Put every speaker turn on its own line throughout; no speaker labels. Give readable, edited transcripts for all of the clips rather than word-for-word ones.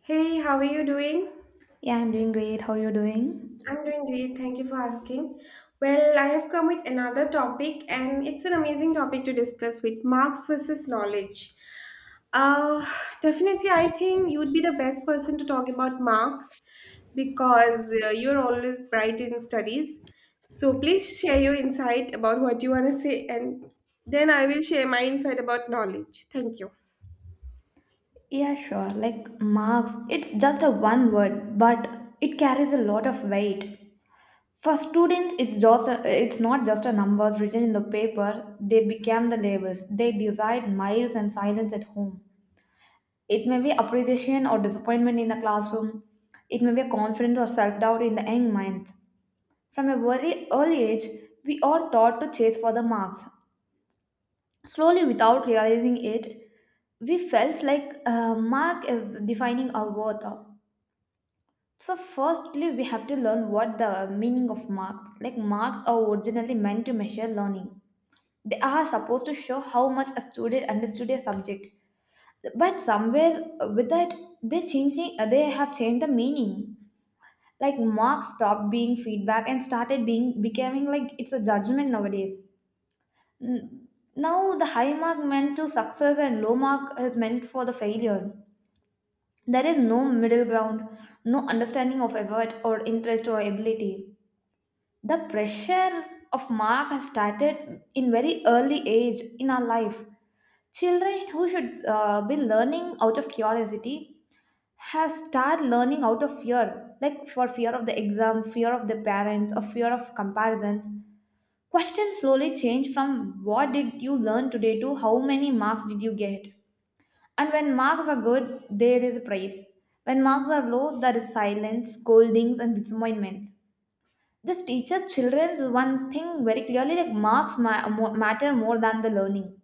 Hey, how are you doing?
Yeah, I'm doing great. How you doing?
I'm doing great. Thank you for asking. Well, I have come with another topic, and it's an amazing topic to discuss with marks versus knowledge. Uh, Definitely, I think you would be the best person to talk about marks because you're always bright in studies. So please share your insight about what you want to say, and then I will share my insight about knowledge. Thank you.
Yeah, sure. Like marks, it's just a one word, but it carries a lot of weight. For students, it's not just a numbers written in the paper. They become the labels. They decide miles and silence at home. It may be appreciation or disappointment in the classroom. It may be a confidence or self doubt in the young mind. From a very early age, we are taught to chase for the marks. Slowly, without realizing it, we felt like mark is defining our worth. So, firstly, we have to learn what the meaning of marks. Like, marks are originally meant to measure learning. They are supposed to show how much a student understood a subject. But somewhere with that, they changing. They have changed the meaning. Like marks stopped being feedback and started being becoming like it's a judgment nowadays. N- Now, the high mark meant to success and low mark is meant for the failure. There is no middle ground, no understanding of effort or interest or ability. The pressure of mark has started in very early age in our life. Children who should be learning out of curiosity has start learning out of fear, like for fear of the exam, fear of the parents, or fear of comparisons. Questions slowly change from what did you learn today to how many marks did you get. And when marks are good, there is praise. When marks are low, there is silence, scoldings, and disappointments. This teaches children one thing very clearly like marks matter more than the learning.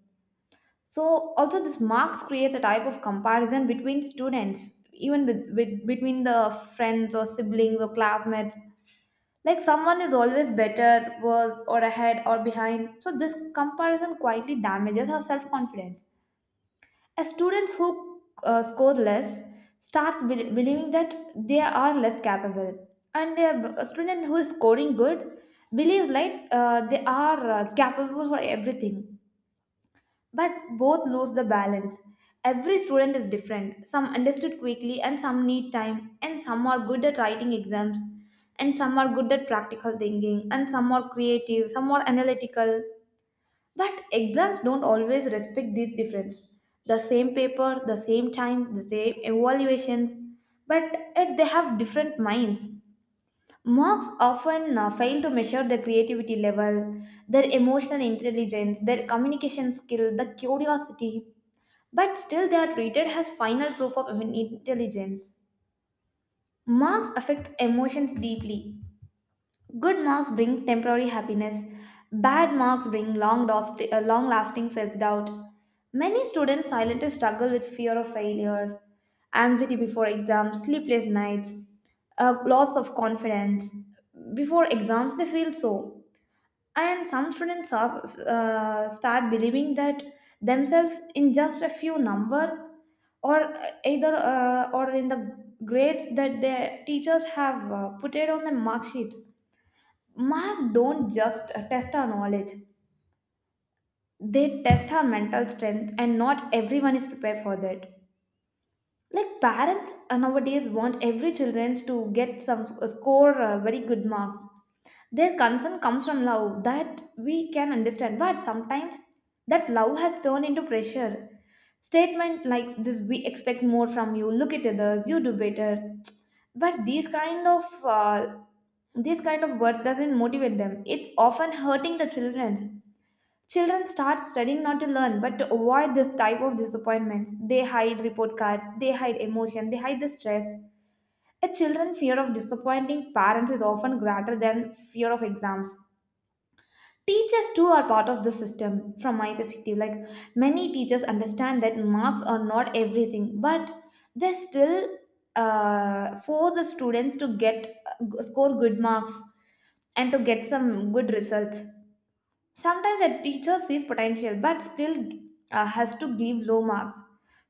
So, also, this marks creates a type of comparison between students, even between the friends or siblings or classmates like someone is always better, worse, or ahead or behind. So this comparison quietly damages our self confidence. A student who scores less starts believing that they are less capable, and a student who is scoring good believes like they are capable for everything. But both lose the balance. Every student is different. Some understood quickly, and some need time, and some are good at writing exams, and some are good at practical thinking, and some are creative, some are analytical. But exams don't always respect these difference. The same paper, the same time, the same evaluations, but yet they have different minds. Marks often fail to measure their creativity level, their emotional intelligence, their communication skill, the curiosity. But still, they are treated as final proof of human intelligence. Marks affect emotions deeply. Good marks bring temporary happiness. Bad marks bring long, long lasting self doubt. Many students silently struggle with fear of failure, anxiety before exams, sleepless nights, a loss of confidence. Before exams, they feel so, and start believing that themselves in just a few numbers or either or in the grades that their teachers have put it on the mark sheets. Mark don't just test our knowledge, they test our mental strength, and not everyone is prepared for that. Like parents nowadays want every children to get score very good marks. Their concern comes from love that we can understand, but sometimes that love has turned into pressure. Statement like this, we expect more from you. Look at others, you do better. But these kind of words doesn't motivate them. It's often hurting the children. Children start studying not to learn, but to avoid this type of disappointments. They hide report cards, they hide emotion, they hide the stress. A children's fear of disappointing parents is often greater than fear of exams. Teachers too are part of the system, from my perspective. Like many teachers understand that marks are not everything, but they still force the students to get score good marks and to get some good results. Sometimes a teacher sees potential but still has to give low marks.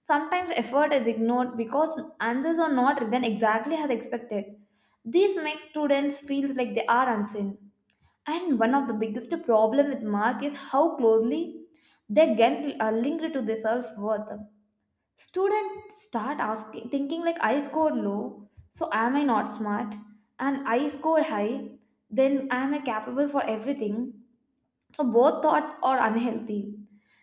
Sometimes effort is ignored because answers are not written exactly as expected. This makes students feel like they are unseen. And one of the biggest problem with mark is how closely they get linked to their self-worth. Students start asking, thinking like I score low, so am I not smart? And I score high, then am I capable for everything? So both thoughts are unhealthy.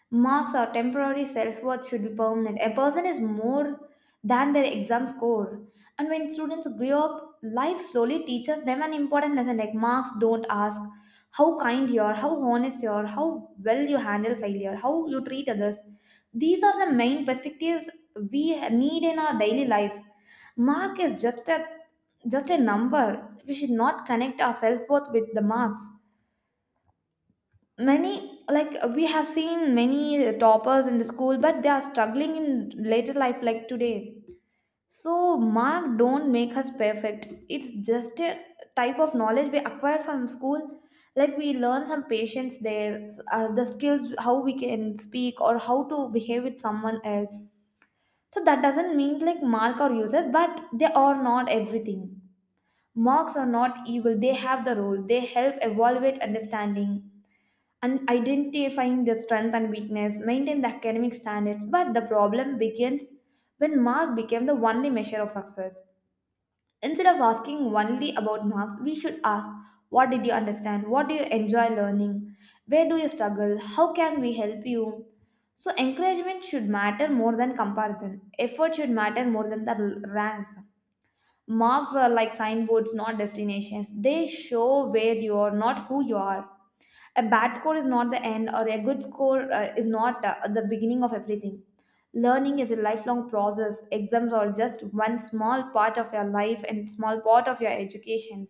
Marks or temporary self-worth should be permanent. A person is more than their exam score. And when students grow up, life slowly teaches them an important lesson like marks don't ask how kind you are, how honest you are, how well you handle failure, how you treat others. These are the main perspectives we need in our daily life. Mark is just a number. We should not connect our self-worth with the marks. Many, like we have seen many toppers in the school, but they are struggling in later life like today. So mark don't make us perfect, it's just a type of knowledge we acquire from school. Like we learn some patience there, the skills how we can speak or how to behave with someone else. So that doesn't mean like mark or users, but they are not everything. Marks are not evil, they have the role, they help evaluate understanding and identifying their strength and weakness, maintain the academic standards. But the problem begins when mark became the only measure of success. Instead of asking only about marks, we should ask what did you understand? What do you enjoy learning? Where do you struggle? How can we help you? So, encouragement should matter more than comparison. Effort should matter more than the ranks. Marks are like signboards, not destinations. They show where you are, not who you are. A bad score is not the end, or a good score is not the beginning of everything. Learning is a lifelong process. Exams are just one small part of your life and small part of your education.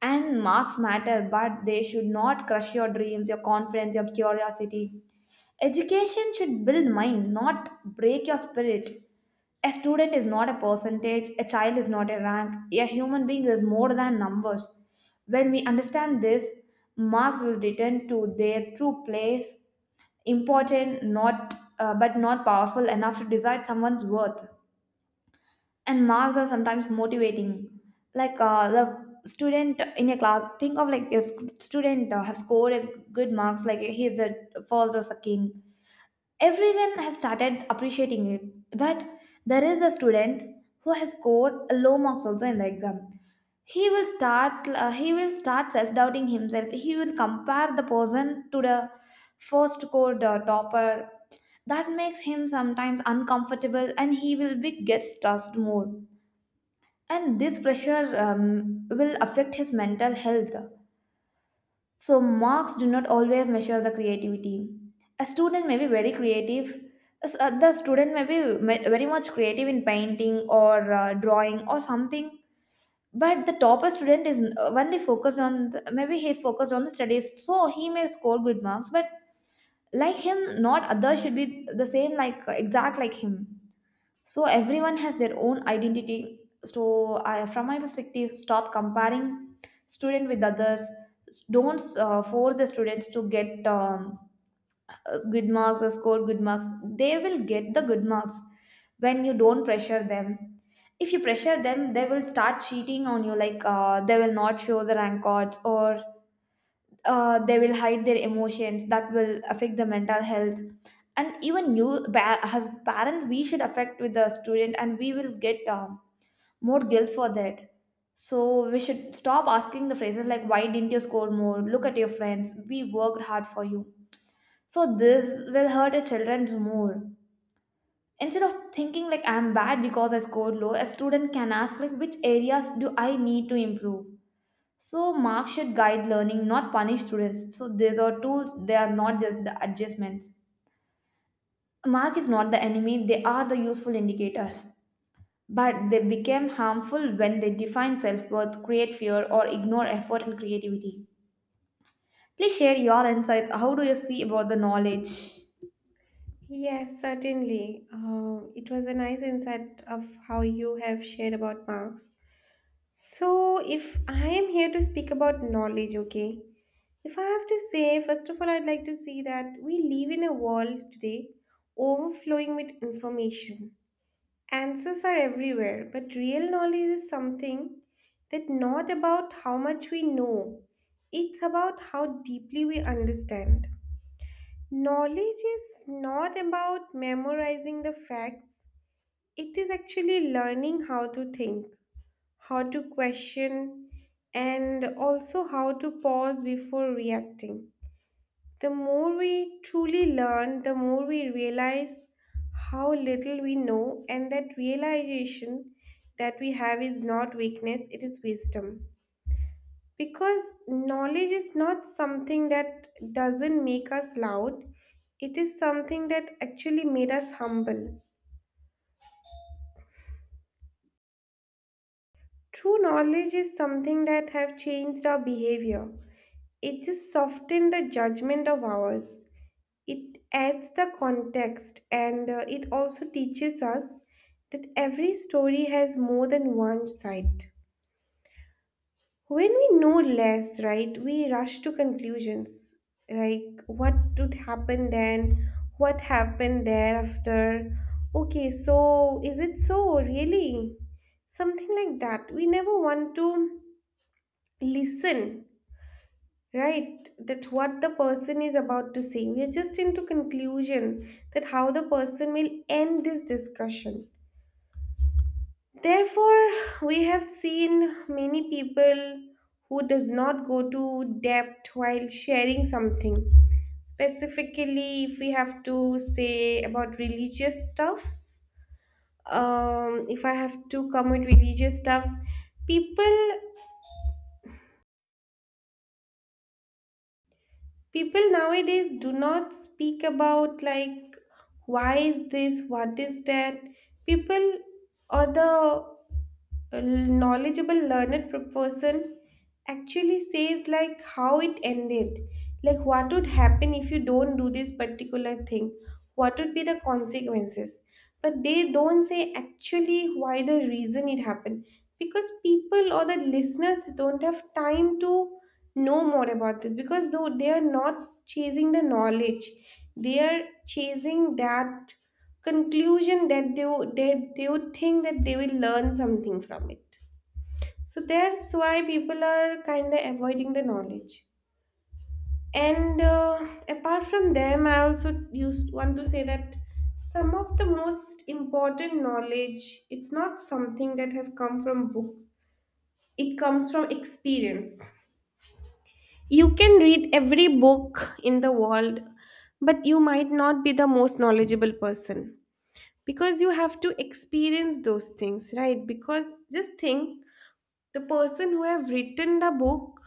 And marks matter, but they should not crush your dreams, your confidence, your curiosity. Education should build mind, not break your spirit. A student is not a percentage, a child is not a rank, a human being is more than numbers. When we understand this, marks will return to their true place, important not powerful enough to decide someone's worth. And marks are sometimes motivating. Like the student in a class think of like a student have scored a good marks, like he is a first or second, everyone has started appreciating it. But there is a student who has scored a low marks also in the exam, he will start self doubting himself. He will compare the person to the first code, topper. That makes him sometimes uncomfortable and he will be get stressed more, and this pressure will affect his mental health. So, marks do not always measure the creativity. A student may be very creative. The student may be very much creative in painting or drawing or something, but the topper student is only focused on the, maybe he's focused on the studies, so he may score good marks. But like him, not others should be the same, like exact like him. So everyone has their own identity. So I, from my perspective, stop comparing student with others. Don't force the students to get good marks or score good marks. They will get the good marks when you don't pressure them. If you pressure them they will start cheating on you, like they will not show the rank cards or they will hide their emotions, that will affect the mental health. And even you as parents we should affect with the student and we will get more guilt for that. So we should stop asking the phrases like why didn't you score more, look at your friends, we worked hard for you. So this will hurt the children's more. Instead of thinking like I'm bad because I scored low, a student can ask like which areas do I need to improve. So marks should guide learning, not punish students. So these are tools, they are not just the adjustments. Mark is not the enemy, they are the useful indicators. But they become harmful when they define self-worth, create fear, or ignore effort and creativity. Please share your insights. How do you see about the knowledge?
Yes, certainly. It was a nice insight of how you have shared about marks. So, if I am here to speak about knowledge, okay? If I have to say, first of all, I'd like to say that we live in a world today overflowing with information. Answers are everywhere, but real knowledge is something that not about how much we know, it's about how deeply we understand. Knowledge is not about memorizing the facts, it is actually learning how to think, how to question, and also how to pause before reacting. The more we truly learn, the more we realize how little we know, and that realization that we have is not weakness, it is wisdom. Because knowledge is not something that doesn't make us loud, it is something that actually made us humble. True knowledge is something that have changed our behavior. It just softened the judgment of ours. It adds the context and it also teaches us that every story has more than one side. When we know less, right, we rush to conclusions like what would happen then, what happened thereafter. Okay, so is it so really? Something like that. We never want to listen, right? That what the person is about to say. We are just into conclusion that how the person will end this discussion. Therefore, we have seen many people who does not go to depth while sharing something. Specifically, if we have to say about religious stuffs, if I have to come with religious stuffs, people people nowadays do not speak about like why is this, what is that. People or the a knowledgeable learned person actually says like how it ended, like what would happen if you don't do this particular thing, what would be the consequences, but they don't say actually why the reason it happened, because people or the listeners don't have time to know more about this, because though they are not chasing the knowledge, they are chasing that conclusion that they would think that they will learn something from it. So that's why people are kind of avoiding the knowledge. And apart from them, I also used want to say that some of the most important knowledge, it's not something that have come from books. It comes from experience. You can read every book in the world, but you might not be the most knowledgeable person because you have to experience those things, right? Because just think, the person who have written the book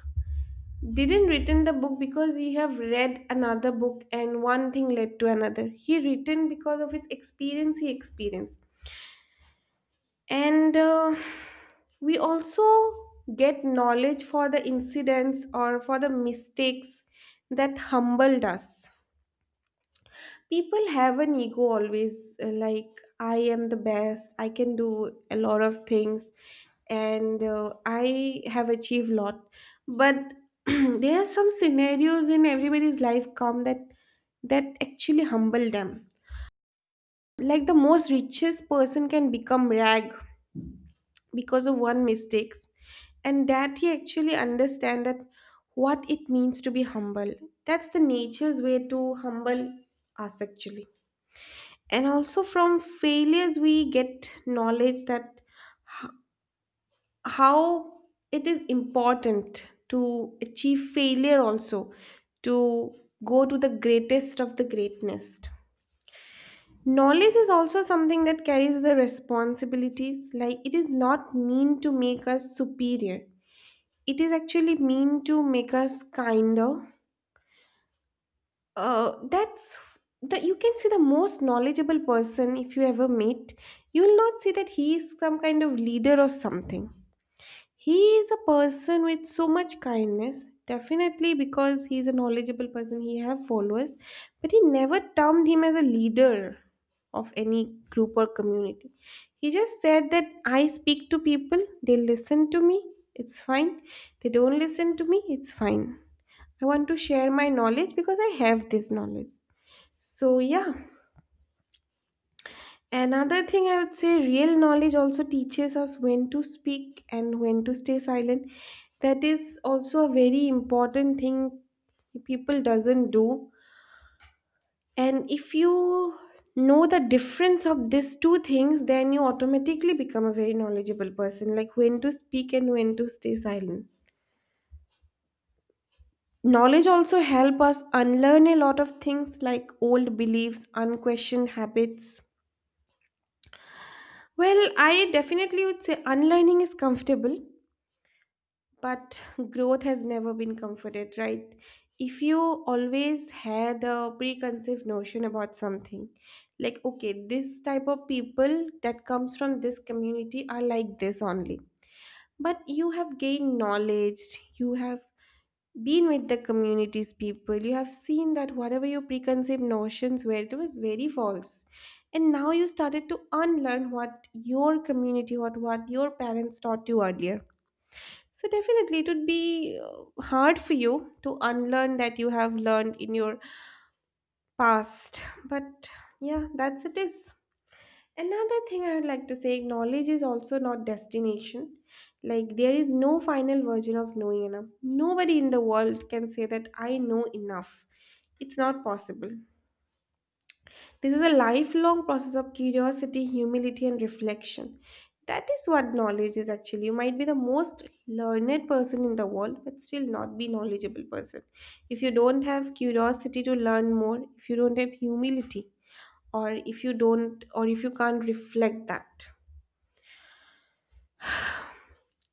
didn't written the book because he have read another book and one thing led to another. He written because of his experience, he experienced. And we also get knowledge for the incidents or for the mistakes that humbled us. People have an ego always, like, I am the best, I can do a lot of things, and I have achieved lot. But there are some scenarios in everybody's life come that that actually humble them. Like the most richest person can become rag because of one mistakes, and that he actually understand that what it means to be humble. That's the nature's way to humble us actually. And also from failures we get knowledge that h- how it is important to achieve failure also, to go to the greatest of the greatness. Knowledge is also something that carries the responsibilities, like it is not mean to make us superior, it is actually mean to make us kinder. That's that you can see the most knowledgeable person if you ever meet. You will not see that he is some kind of leader or something. He is a person with so much kindness, definitely because he is a knowledgeable person, he have followers, but he never termed him as a leader of any group or community. He just said that I speak to people, they listen to me, it's fine. They don't listen to me, it's fine. I want to share my knowledge because I have this knowledge. So, yeah. Another thing I would say, real knowledge also teaches us when to speak and when to stay silent. That is also a very important thing people doesn't do. And if you know the difference of these two things, then you automatically become a very knowledgeable person, like when to speak and when to stay silent. Knowledge also help us unlearn a lot of things, like old beliefs, unquestioned habits. Well, I definitely would say unlearning is comfortable, but growth has never been comforted, right? If you always had a preconceived notion about something, like okay, this type of people that comes from this community are like this only, but you have gained knowledge, you have been with the communities people, you have seen that whatever your preconceived notions were, it was very false, and now you started to unlearn what your community, what your parents taught you earlier. So definitely it would be hard for you to unlearn that you have learned in your past, but yeah, that's it is. Another thing I would like to say, knowledge is also not destination. Like there is no final version of knowing enough. Nobody in the world can say that I know enough. It's not possible. This is a lifelong process of curiosity, humility, and reflection. That is what knowledge is actually. You might be the most learned person in the world, but still not be knowledgeable person. If you don't have curiosity to learn more, if you don't have humility, or if you don't, or if you can't reflect that.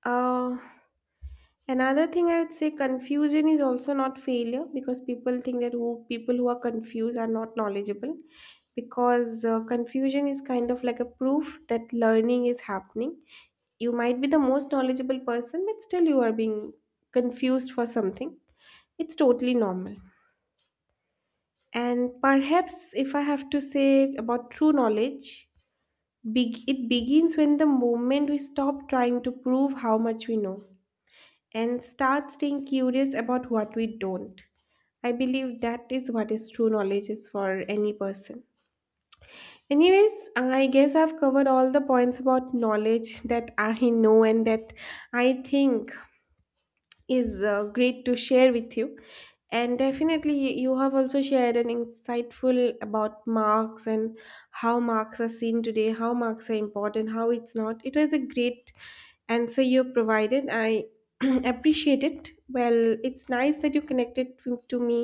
Uh, Another thing I would say, confusion is also not failure, because people think that who people who are confused are not knowledgeable, because confusion is kind of like a proof that learning is happening. You might be the most knowledgeable person but still you are being confused for something. It's totally normal. And perhaps if I have to say about true knowledge, big, it begins when the moment we stop trying to prove how much we know and start staying curious about what we don't. I believe that is what is true knowledge is for any person. Anyways, I guess I've covered all the points about knowledge that I know and that I think is great to share with you. And definitely, you have also shared an insightful about marks and how marks are seen today, how marks are important, how it's not. It was a great answer you provided. I appreciate it. Well, it's nice that you connected to me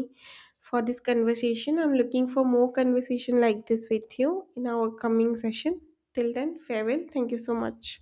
for this conversation. I'm looking for more conversation like this with you in our coming session. Till then, farewell. Thank you so much.